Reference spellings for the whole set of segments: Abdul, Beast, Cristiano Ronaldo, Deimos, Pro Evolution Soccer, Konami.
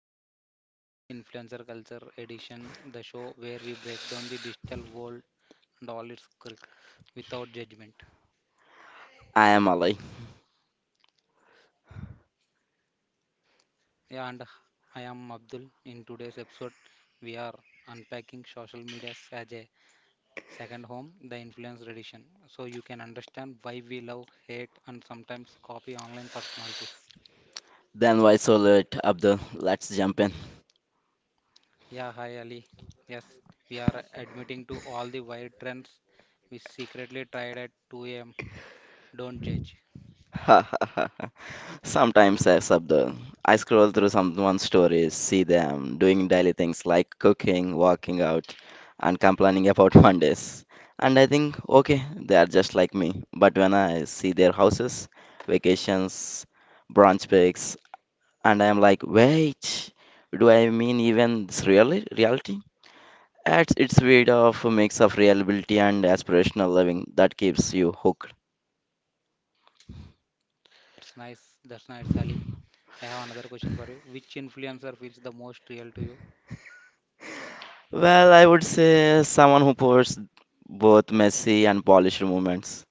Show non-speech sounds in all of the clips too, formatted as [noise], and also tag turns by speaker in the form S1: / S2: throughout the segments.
S1: Real Life Influencer Culture Edition, the show where we break down the digital world and all its quirk without judgment.
S2: I am Ali.
S1: Yeah, and I am Abdul. In today's episode, we are unpacking social media as a second home, the influencer edition, so you can understand why we love, hate, and sometimes copy online personalities.
S2: Then why so late, Abdul? Let's jump in.
S1: Yeah, hi Ali. Yes, we are admitting to all the wild trends we secretly tried at 2 a.m. Don't judge.
S2: [laughs] Sometimes, yes, Abdul. I scroll through someone's stories, see them doing daily things like cooking, working out, and complaining about [laughs] Mondays. And I think, okay, they are just like me. But when I see their houses, vacations, brunch breaks, and I am like, wait, do I mean even this really reality? At its weight of a mix of reliability and aspirational living that keeps you hooked.
S1: That's nice. That's nice, Ali. I have another question for you. Which influencer feels the most real to you?
S2: Well, I would say someone who pours both messy and polished moments.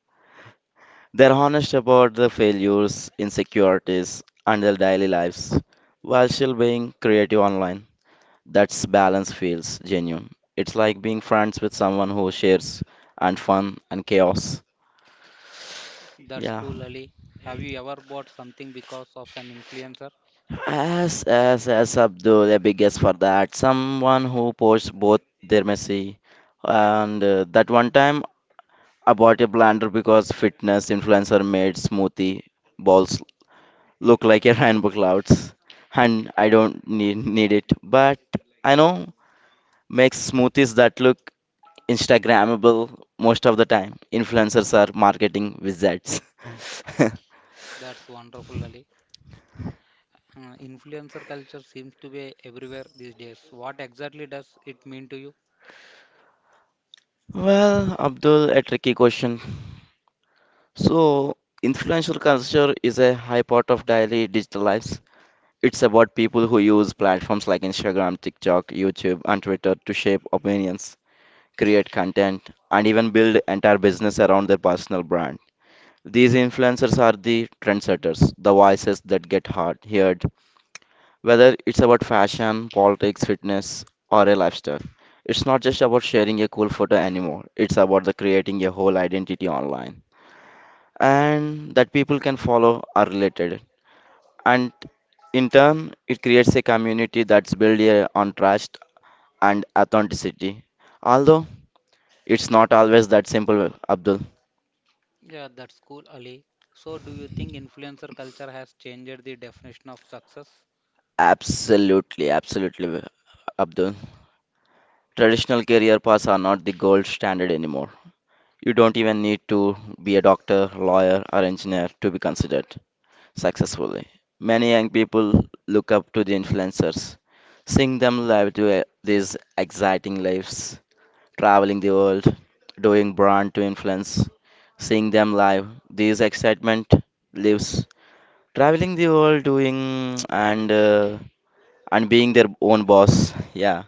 S2: They're honest about the failures, insecurities, and their daily lives, while still being creative online. That's balance feels genuine. It's like being friends with someone who shares and fun and chaos.
S1: That's
S2: Yeah.
S1: cool, Ali. Have you ever bought something because of an influencer?
S2: As Abdul, a biggest for that. Someone who pours both their Messi and that one time I bought a blender because fitness influencer made smoothie balls look like a [laughs] rainbow clouds, and I don't need it. But I know makes smoothies that look Instagrammable most of the time. Influencers are marketing wizards. [laughs]
S1: That's wonderful, Ali. Influencer culture seems to be everywhere these days. What exactly does it mean to you?
S2: Well, Abdul, a tricky question. So, influential culture is a high part of daily digital lives. It's about people who use platforms like Instagram, TikTok, YouTube, and Twitter to shape opinions, create content, and even build entire business around their personal brand. These influencers are the trendsetters, the voices that get heard, whether it's about fashion, politics, fitness, or a lifestyle. It's not just about sharing a cool photo anymore. It's about the creating a whole identity online and that people can follow are related. And in turn, it creates a community that's built on trust and authenticity. Although it's not always that simple, Abdul.
S1: Yeah, that's cool, Ali. So, do you think influencer culture has changed the definition of success?
S2: Absolutely, absolutely, Abdul. Traditional career paths are not the gold standard anymore. You don't even need to be a doctor, lawyer, or engineer to be considered successfully. Many young people look up to the influencers, seeing them live to, these exciting lives traveling the world, doing brand to influence, seeing them live. This excitement lives. Traveling the world, doing and being their own boss. Yeah,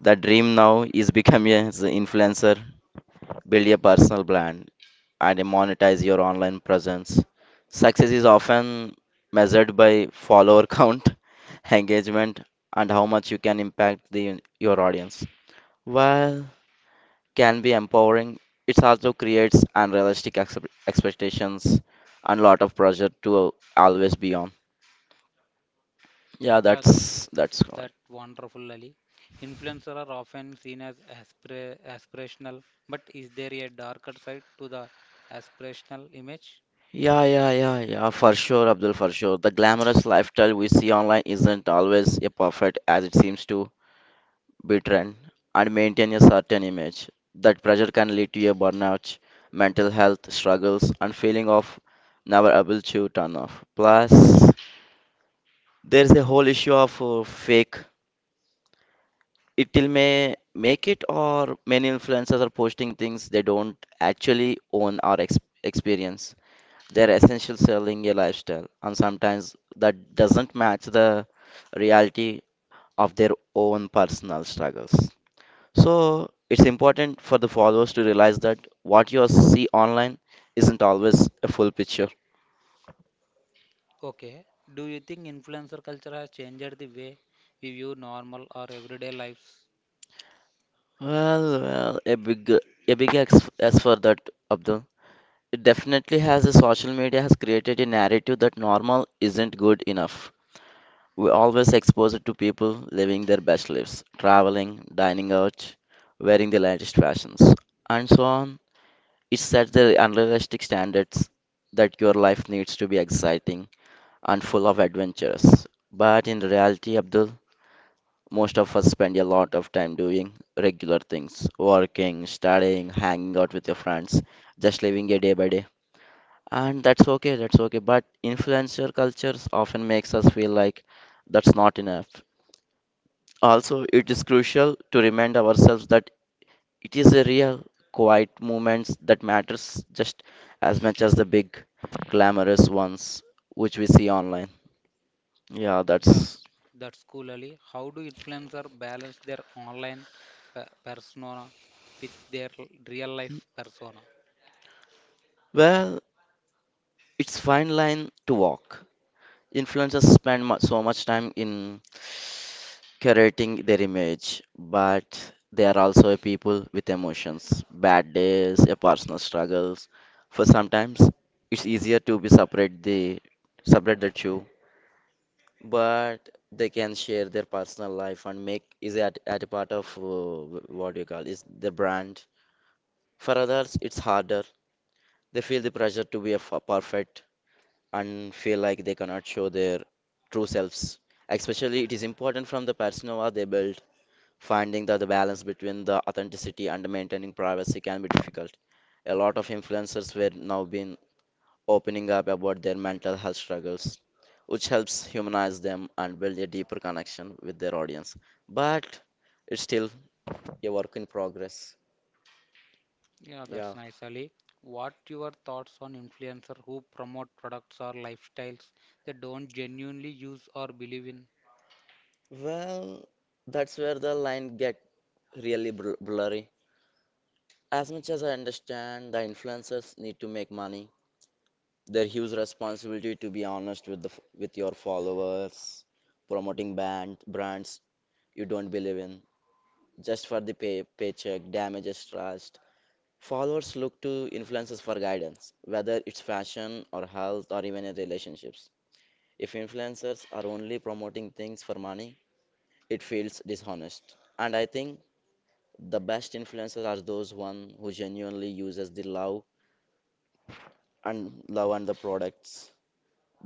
S2: the dream now is become a is a influencer, build a personal brand, and monetize your online presence. Success is often measured by follower count, [laughs] engagement, and how much you can impact the your audience. While can be empowering, it also creates unrealistic excep expectations and a lot of pressure to always be on. Yeah,
S1: Yeah,
S2: that's correct.
S1: that wonderful Ali. Influencers are often seen as aspirational, but is there a darker side to the aspirational image?
S2: Yeah, yeah, yeah, yeah, for sure, Abdul, for sure. The glamorous lifestyle we see online isn't always a perfect as it seems to be trend and maintain a certain image. That pressure can lead to a burnout, mental health struggles, and feeling of never able to turn off. Plus, there's a whole issue of fake it will may make it or many influencers are posting things they don't actually own or experience. They're essentially selling a lifestyle, and sometimes that doesn't match the reality of their own personal struggles. So it's important for the followers to realize that what you see online isn't always a full picture.
S1: Okay. Do you think influencer culture has changed the way we view normal or everyday lives?
S2: Well, well, a big x as for that, Abdul. It definitely has. The social media has created a narrative that normal isn't good enough. We always expose it to people living their best lives, traveling, dining out, wearing the latest fashions, and so on. It sets the unrealistic standards that your life needs to be exciting and full of adventures. But in reality, Abdul, most of us spend a lot of time doing regular things, working, studying, hanging out with your friends, just living a day by day. And that's okay, but influencer cultures often makes us feel like that's not enough. Also, it is crucial to remind ourselves that it is a real quiet moments that matters just as much as the big glamorous ones which we see online. Yeah,
S1: Yeah,
S2: that's.
S1: that's cool, Ali. How do influencer balance their online persona with their real life persona?
S2: Well, it's fine line to walk. Influencers spend so much time in curating their image, but they are also a people with emotions, bad days, a personal struggles. For sometimes it's easier to be separate the two, but they can share their personal life and make is at a part of what do you call is the brand. For others, it's harder. They feel the pressure to be a perfect and feel like they cannot show their true selves. Especially, it is important from the persona they build, finding that the balance between the authenticity and maintaining privacy can be difficult. A lot of influencers were now been opening up about their mental health struggles, which helps humanize them and build a deeper connection with their audience. But it's still a work in progress.
S1: Yeah,
S2: Yeah.
S1: that's nice, Ali. What your thoughts on influencer who promote products or lifestyles they don't genuinely use or believe in?
S2: Well, that's where the line get really blurry. As much as I understand, the influencers need to make money. Their huge responsibility to be honest with the with your followers, promoting band brands you don't believe in just for the paycheck, damages trust. Followers look to influencers for guidance, whether it's fashion or health or even in relationships. If influencers are only promoting things for money, it feels dishonest. And I think the best influencers are those one who genuinely uses the love and love and the products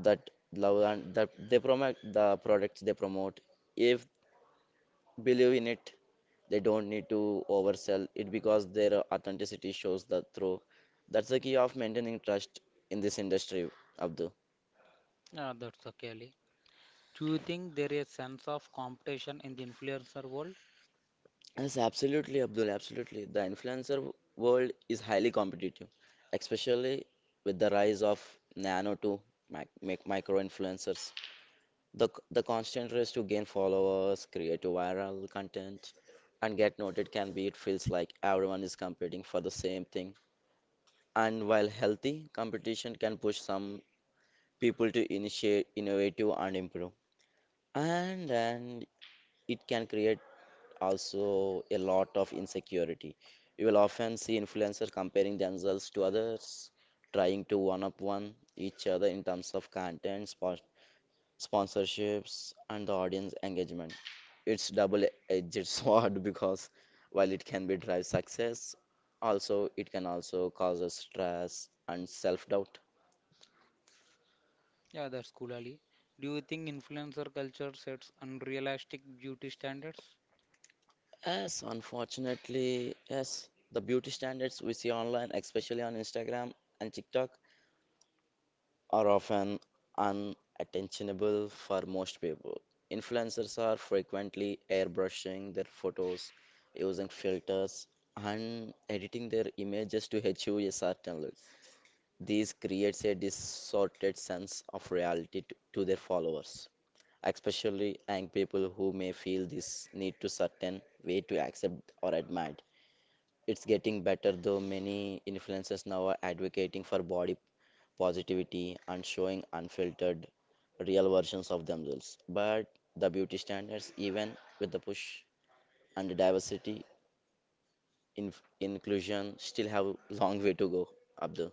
S2: that love and that they promote the products they promote if believe in it. They don't need to oversell it because their authenticity shows that through. That's the key of maintaining trust in this industry, Abdul.
S1: Yeah, that's okay, Ali. Do you think there is a sense of competition in the influencer world?
S2: Yes, absolutely, Abdul. Absolutely. The influencer world is highly competitive, especially with the rise of nano to micro influencers. The constant race to gain followers, create viral content, and get noted can be it feels like everyone is competing for the same thing. And while healthy, competition can push some people to initiate, innovative, and improve. And it can create also a lot of insecurity. You will often see influencers comparing themselves to others, trying to one up one each other in terms of contents, sponsorships, and the audience engagement. It's double-edged [laughs] sword because while it can be drive success, also it can also cause us stress and self-doubt.
S1: Yeah, that's cool, Ali. Do you think influencer culture sets unrealistic beauty standards?
S2: Yes, unfortunately, yes, the beauty standards we see online, especially on Instagram and TikTok, are often unattainable for most people. Influencers are frequently airbrushing their photos, using filters, and editing their images to achieve a certain look. This creates a distorted sense of reality to their followers, especially young people who may feel this need to certain way to accept or admired. It's getting better though many influencers now are advocating for body positivity, and showing unfiltered, real versions of themselves. But the beauty standards, even with the push and diversity, in- inclusion, still have a long way to go, Abdul.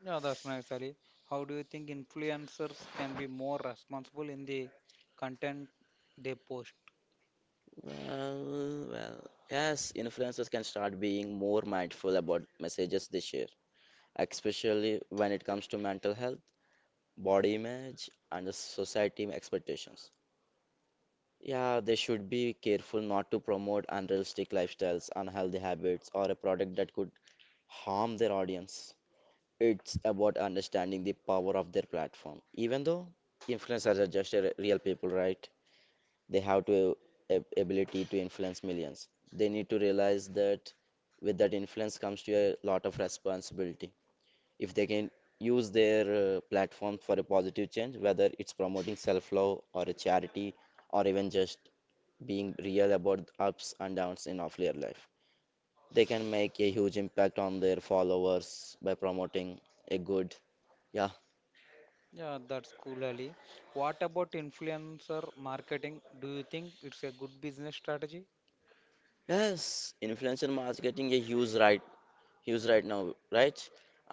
S1: Yeah, that's nice, Ali. How do you think influencers can be more responsible in the content they post?
S2: Well, well, yes, influencers can start being more mindful about messages they share, especially when it comes to mental health, body image, and the society expectations. Yeah, they should be careful not to promote unrealistic lifestyles, unhealthy habits, or a product that could harm their audience. It's about understanding the power of their platform. Even though influencers are just real people, right? They have to ability to influence millions. They need to realize that with that influence comes to a lot of responsibility. If they can use their platform for a positive change, whether it's promoting self-love or a charity or even just being real about ups and downs in of their life, they can make a huge impact on their followers by promoting a good. Yeah,
S1: Yeah, that's cool, Ali. What about influencer marketing? Do you think it's a good business strategy?
S2: yes, influencer marketing a huge right, huge right now, right,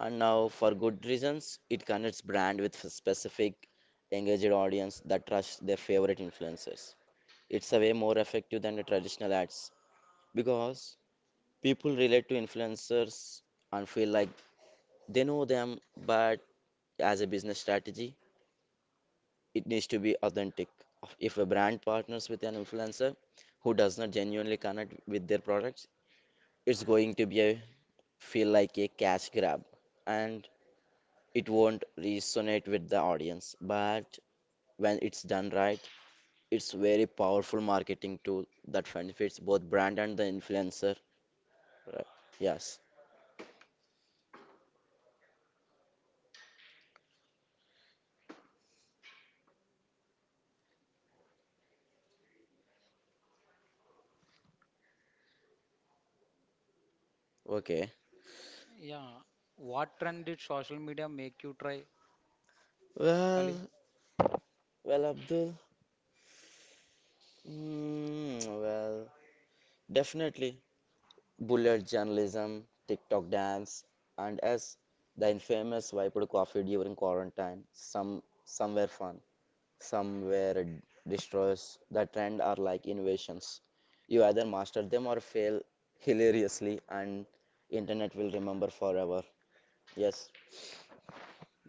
S2: and now for good reasons. It connects brand with a specific engaged audience that trust their favorite influencers. It's a way more effective than the traditional ads because people relate to influencers and feel like they know them. But as a business strategy it needs to be authentic. If a brand partners with an influencer who does not genuinely connect with their products, it's going to be a feel like a cash grab, and it won't resonate with the audience. But when it's done right, it's very powerful marketing tool that benefits both brand and the influencer. Right. Yes. Okay.
S1: Yeah, what trend did social media make you try, Ali?
S2: Well, well, Abdul. Well, definitely. Bullet journalism, TikTok dance, and as the infamous wiped coffee during quarantine. Some were fun, some were destroyers. The trend are like invasions. You either master them or fail hilariously, and internet will remember forever. Yes,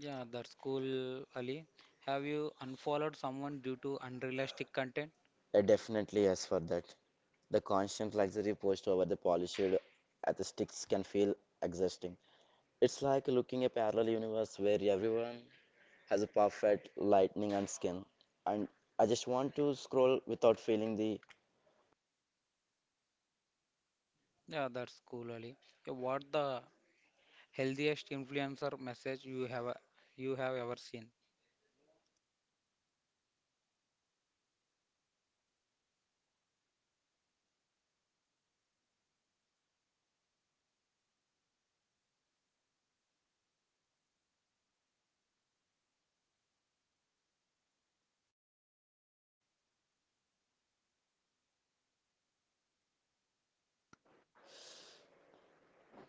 S1: Yeah, that's cool, Ali. Have you unfollowed someone due to unrealistic content?
S2: I definitely yes for that. The constant luxury post over the polished aesthetics can feel exhausting. It's like looking a parallel universe where everyone has a perfect lightning and skin. And I just want to scroll without feeling the.
S1: Yeah, that's cool, Ali. Yeah, what the healthiest influencer message you have ever seen?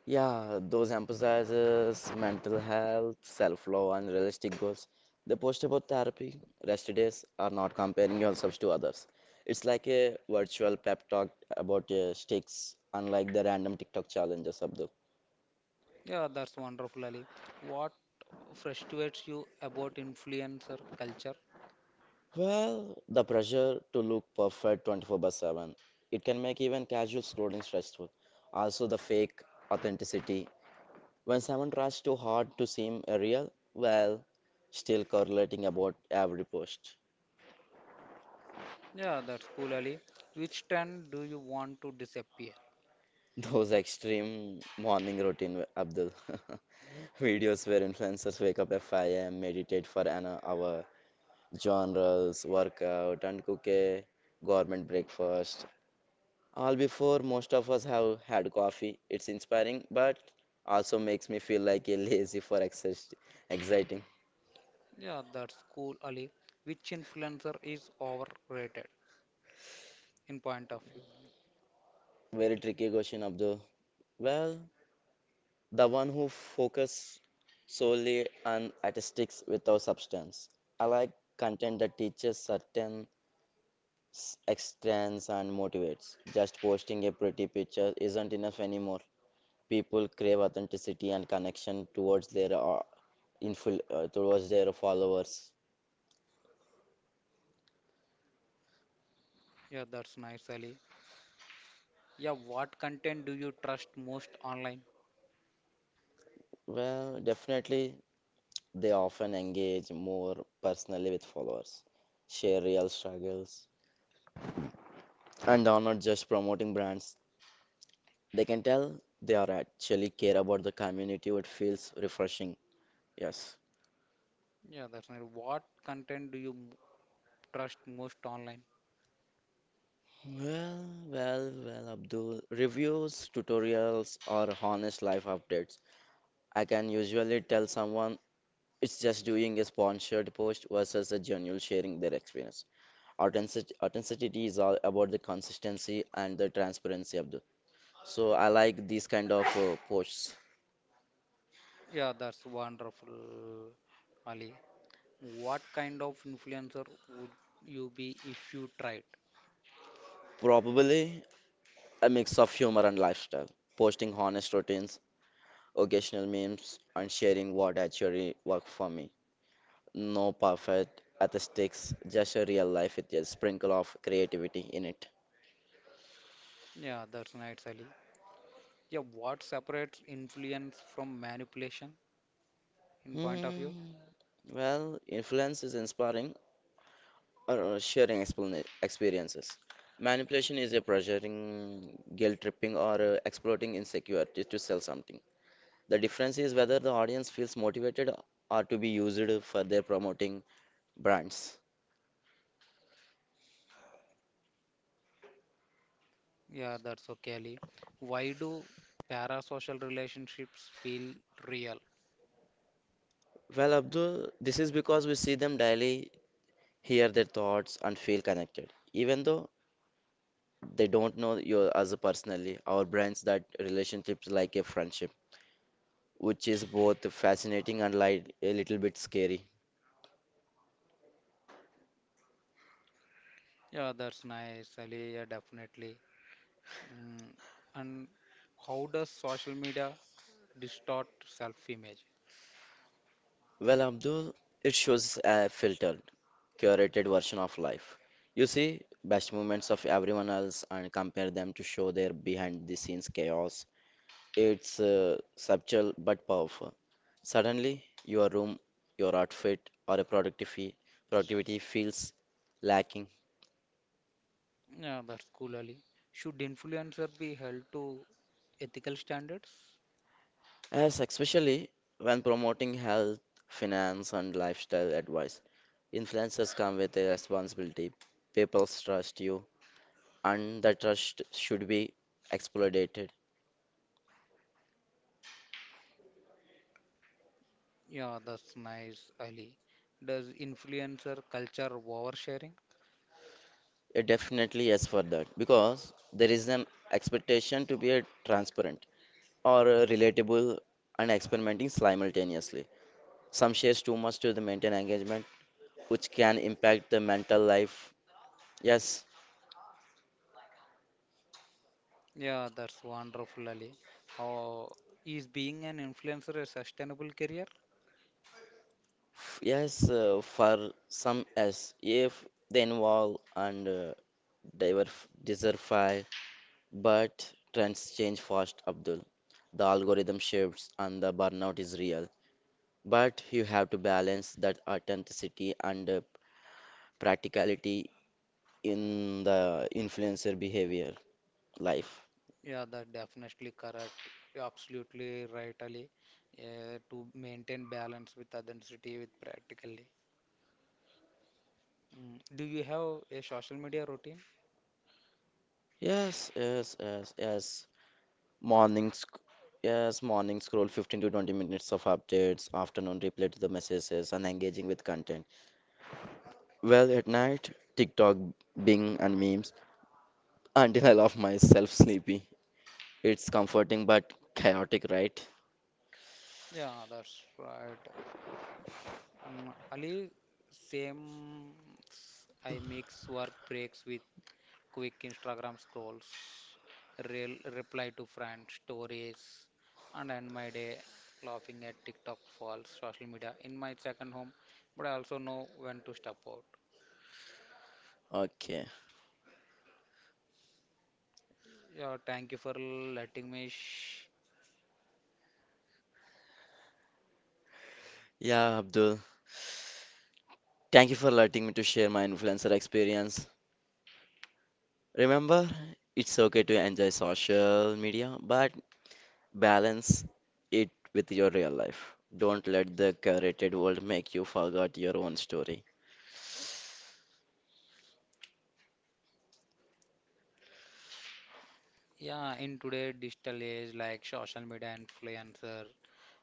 S2: Yeah, those emphasizes mental health, self-love, and realistic goals. The post about therapy, rest days are not comparing yourselves to others. It's like a virtual pep talk about sticks, unlike the random TikTok challenges, Abdul.
S1: Yeah, that's wonderful, Ali. What frustrates you about influencer culture?
S2: Well, the pressure to look perfect 24 by 7, it can make even casual scrolling stressful. Also, the fake authenticity. When someone tries too hard to seem real, well, still correlating about every post.
S1: Yeah, that's cool, Ali. Which trend do you want to disappear?
S2: [laughs] Those extreme morning routine, Abdul. [laughs] Videos where influencers wake up at 5 a.m., meditate for an hour, journals, workout, and cook a government breakfast. All before most of us have had coffee. It's inspiring, but also makes me feel like a lazy for exciting.
S1: Yeah, that's cool, Ali. Which influencer is overrated in point of view?
S2: Very tricky question, Abdul. Well, the one who focus solely on statistics without substance. I like content that teaches certain extents and motivates. Just posting a pretty picture isn't enough anymore. People crave authenticity and connection towards their towards their followers.
S1: Yeah, that's nice, Ali. Yeah, what content do you trust most online?
S2: Well, definitely they often engage more personally with followers, share real struggles, and are not just promoting brands. They can tell they are actually care about the community. It feels refreshing. Yes.
S1: Yeah, that's nice. What content do you trust most online?
S2: Well, well, Abdul. Reviews, tutorials, or honest life updates. I can usually tell someone it's just doing a sponsored post versus a genuine sharing their experience. Authenticity is all about the consistency and the transparency, Abdul. So I like these kind of posts.
S1: Yeah, that's wonderful, Ali. What kind of influencer would you be if you tried?
S2: Probably a mix of humor and lifestyle. Posting honest routines, occasional memes, and sharing what actually worked for me. No perfect aesthetics, just a real life with a sprinkle of creativity in it.
S1: Yeah, that's nice, Ali. Yeah, what separates influence from manipulation in point of view?
S2: Hmm. Well, influence is inspiring or sharing experiences. Manipulation is a pressuring, guilt tripping, or exploiting insecurities to sell something. The difference is whether the audience feels motivated or to be used for their promoting brands.
S1: Yeah, that's okay, Ali. Why do parasocial relationships feel real?
S2: Well, Abdul, this is because we see them daily, hear their thoughts, and feel connected. Even though they don't know you as a personally, our brains that relationships like a friendship, which is both fascinating and like a little bit scary.
S1: Yeah, that's nice, Ali. Yeah, definitely. Mm, and how does social media distort self-image?
S2: Well, Abdul, it shows a filtered, curated version of life. You see best moments of everyone else and compare them to show their behind the scenes chaos. It's subtle but powerful. Suddenly, your room, your outfit, or a productivity feels lacking.
S1: Yeah, that's cool, Ali. Should influencer be held to ethical standards?
S2: As especially when promoting health, finance, and lifestyle advice, influencers come with a responsibility. People trust you, and that trust should be exploited.
S1: Yeah, that's nice, Ali. Does influencer culture oversharing?
S2: Yeah, definitely yes for that, because there is an expectation to be a transparent or a relatable and experimenting simultaneously. Some shares too much to the maintain engagement, which can impact the mental life. Yes.
S1: Yeah, that's wonderful, Ali. Oh, is being an influencer a sustainable career?
S2: Yes, for some yes, if they involve and diversify, but trends change fast, Abdul. The algorithm shifts and the burnout is real. But you have to balance that authenticity and practicality in the influencer behavior life.
S1: Yeah, that definitely correct. You're absolutely right, Ali. Yeah, to maintain balance with authenticity, with practically. Mm. Do you have a social media routine?
S2: Yes. Morning, sc- yes, morning scroll 15 to 20 minutes of updates, afternoon reply to the messages, and engaging with content. Well, at night, TikTok, Bing, and memes until I love myself sleepy. It's comforting but chaotic, right?
S1: Yeah, that's right. And Ali, same. I mix work breaks with quick Instagram scrolls, real reply to friends, stories, and end my day laughing at TikTok falls social media in my second home. But I also know when to step out.
S2: Okay.
S1: Yeah, thank you for letting me.
S2: Yeah, Abdul. Thank you for letting me to share my influencer experience. Remember, it's okay to enjoy social media, but balance it with your real life. Don't let the curated world make you forget your own story.
S1: Yeah, in today' digital age, like social media influencer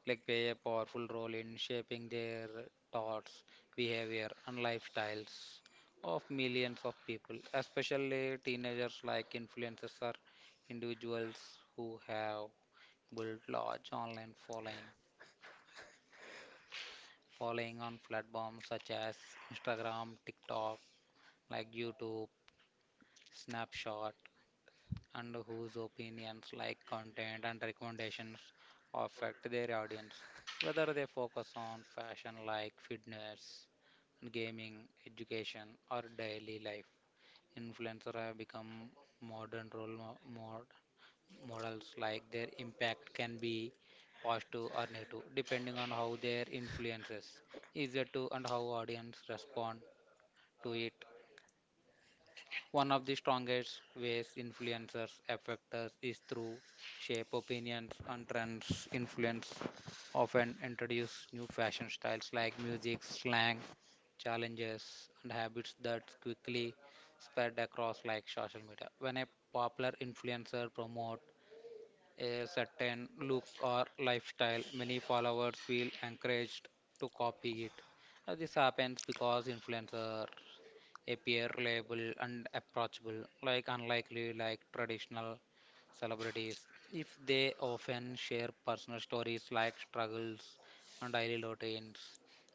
S1: like play a powerful role in shaping their thoughts, behavior, and lifestyles of millions of people, especially teenagers like influencers are individuals who have built large online following on platforms such as Instagram, TikTok, like YouTube, Snapchat, and whose opinions like content and recommendations affect their audience, whether they focus on fashion like fitness gaming, education, or daily life. Influencers have become modern role models, like their impact can be positive or negative, depending on how their influences is it to and how audience respond to it. One of the strongest ways influencers affect us is through shape, opinions, and trends. Influence often introduce new fashion styles like music, slang, challenges, and habits that quickly spread across like social media. When a popular influencer promote a certain look or lifestyle, many followers feel encouraged to copy it. This happens because influencers appear reliable and approachable, like unlikely, like traditional celebrities, if they often share personal stories like struggles and daily routines,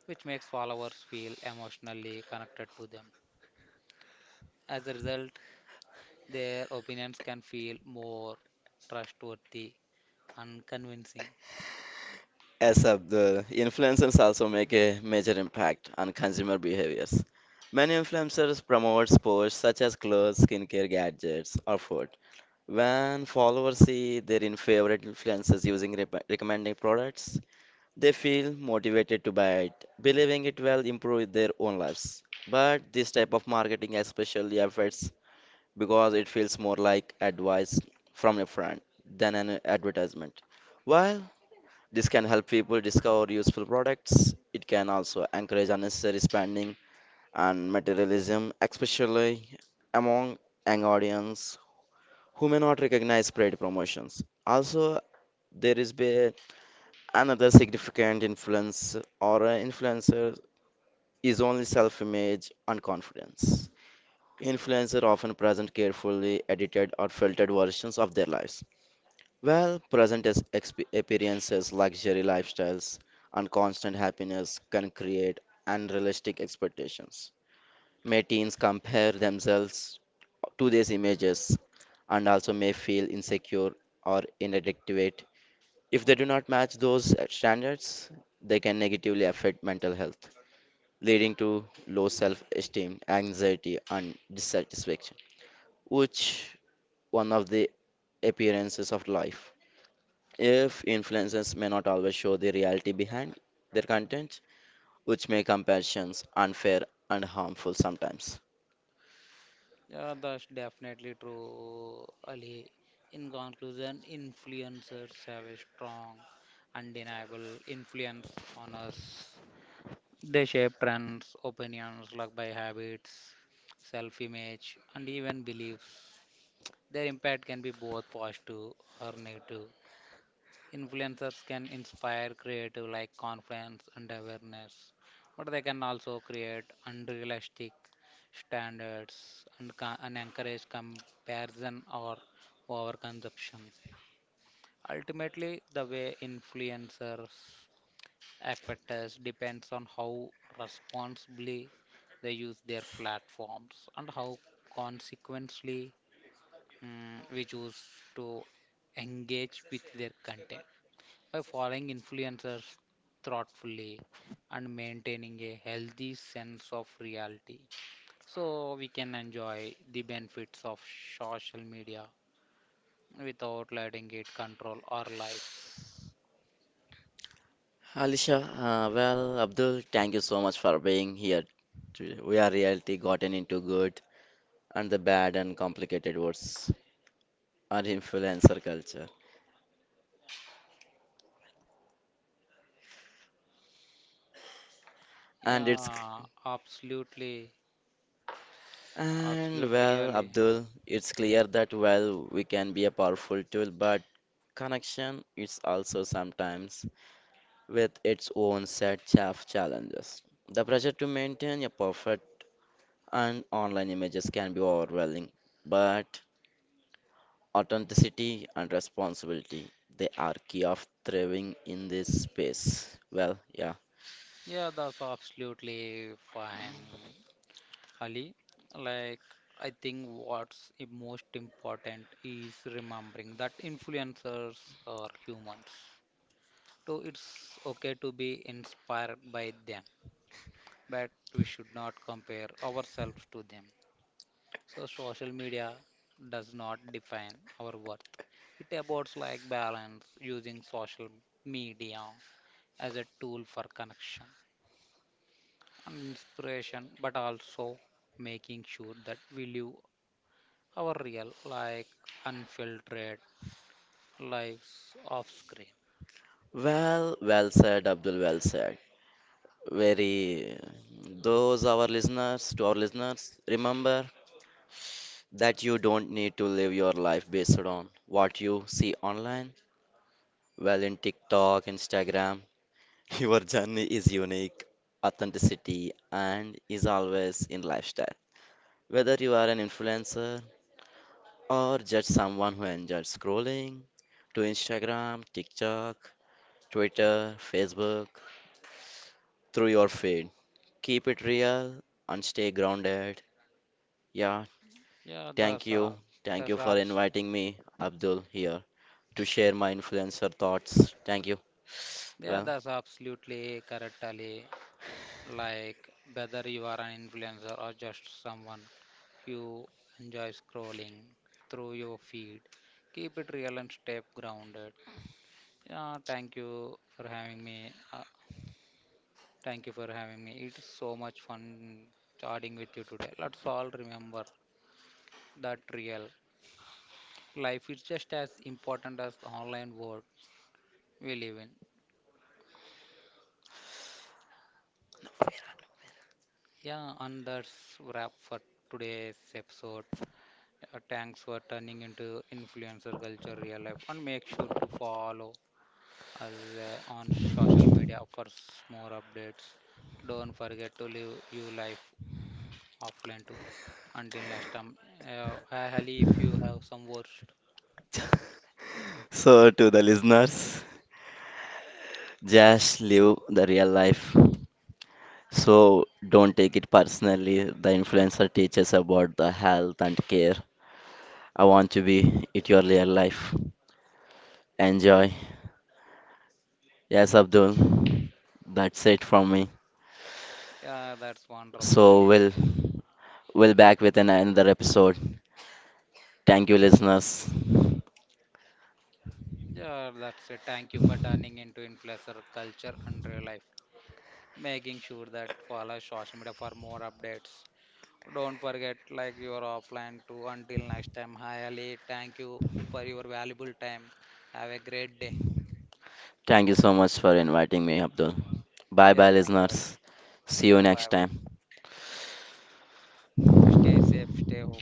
S1: which makes followers feel emotionally connected to them. As a result, their opinions can feel more trustworthy and convincing.
S2: Yes, sir, the influencers also make a major impact on consumer behaviors. Many influencers promote sports such as clothes, skincare, gadgets, or food. When followers see their favorite influencers using recommending products, they feel motivated to buy it, believing it will improve their own lives. But this type of marketing especially affects because it feels more like advice from a friend than an advertisement. While this can help people discover useful products. It can also encourage unnecessary spending and materialism, especially among young audience who may not recognize paid promotions. Also, there is be another significant influence or a influencer is only self-image and confidence. Influencers often present carefully edited or filtered versions of their lives. Well, present as experiences, luxury lifestyles, and constant happiness can create unrealistic expectations. May teens compare themselves to these images and also may feel insecure or inadequate. If they do not match those standards, they can negatively affect mental health, leading to low self esteem, anxiety, and dissatisfaction, which one of the appearances of life. If influencers may not always show the reality behind their content, which make comparisons unfair and harmful sometimes.
S1: Yeah, that's definitely true, Ali. In conclusion, influencers have a strong, undeniable influence on us. They shape trends, opinions, like by habits, self-image, and even beliefs. Their impact can be both positive or negative. Influencers can inspire creative like confidence and awareness, but they can also create unrealistic standards and, and encourage comparison or overconsumption. Ultimately, the way influencers affect us depends on how responsibly they use their platforms and how consequently, we choose to engage with their content by following influencers thoughtfully and maintaining a healthy sense of reality so we can enjoy the benefits of social media without letting it control our lives.
S2: Alisha, well, Abdul, thank you so much for being here today. We are reality gotten into good and the bad and complicated words are influencer culture. And it's,
S1: Yeah, absolutely,
S2: and
S1: absolutely,
S2: well,
S1: Ali.
S2: Abdul, it's clear that while we can be a powerful tool, but connection is also sometimes with its own set of challenges. The pressure to maintain a perfect and online images can be overwhelming, but authenticity and responsibility they are key of thriving in this space. Well, yeah.
S1: Yeah, that's absolutely fine, Ali. Like I think what's most important is remembering that influencers are humans. So it's okay to be inspired by them, but we should not compare ourselves to them. So social media does not define our worth. It about like balance using social media as a tool for connection and inspiration, but also making sure that we live our real, like unfiltered lives off screen.
S2: Well, well said, Abdul. Well said. Very. To our listeners, remember that you don't need to live your life based on what you see online. Well, in TikTok, Instagram, your journey is unique, authenticity, and is always in lifestyle. Whether you are an influencer or just someone who enjoys scrolling to Instagram, TikTok, Twitter, Facebook, through your feed, keep it real and stay grounded. Yeah,
S1: Yeah,
S2: thank
S1: that's
S2: you. Thank you
S1: that's
S2: for
S1: abs-
S2: inviting me, Abdul, here to share my influencer thoughts. Thank you.
S1: yeah,
S2: Well,
S1: that's absolutely correct, Ali. Like whether you are an influencer or just someone who enjoys scrolling through your feed, keep it real and stay grounded. Yeah, thank you for having me. Thank you for having me. It's so much fun chatting with you today. Let's all remember that real life is just as important as the online world we live in. Yeah, and that's wrap for today's episode. Thanks for turning into influencer culture real life and make sure to follow us on social media for more updates. Don't forget to live your life offline too. Until next time, Ali, if you have some words,
S2: [laughs] so to the listeners. Just live the real life. So don't take it personally. The influencer teaches about the health and care. I want to be it your real life. Enjoy. Yes, Abdul. That's it from me.
S1: yeah, that's wonderful,
S2: So
S1: Ali.
S2: we'll back with an, another episode. Thank you, listeners.
S1: Yeah, that's it. Thank you for turning into influencer culture and real life, making sure that follow social media for more updates. Don't forget, like you are offline too. Until next time, hi Ali. Thank you for your valuable time. Have a great day.
S2: Thank you so much for inviting me, Abdul. Bye
S1: Yeah,
S2: bye,
S1: thank you, Ali.
S2: listeners. See you
S1: Yeah, bye
S2: next
S1: bye.
S2: time.
S1: Stay safe, stay home.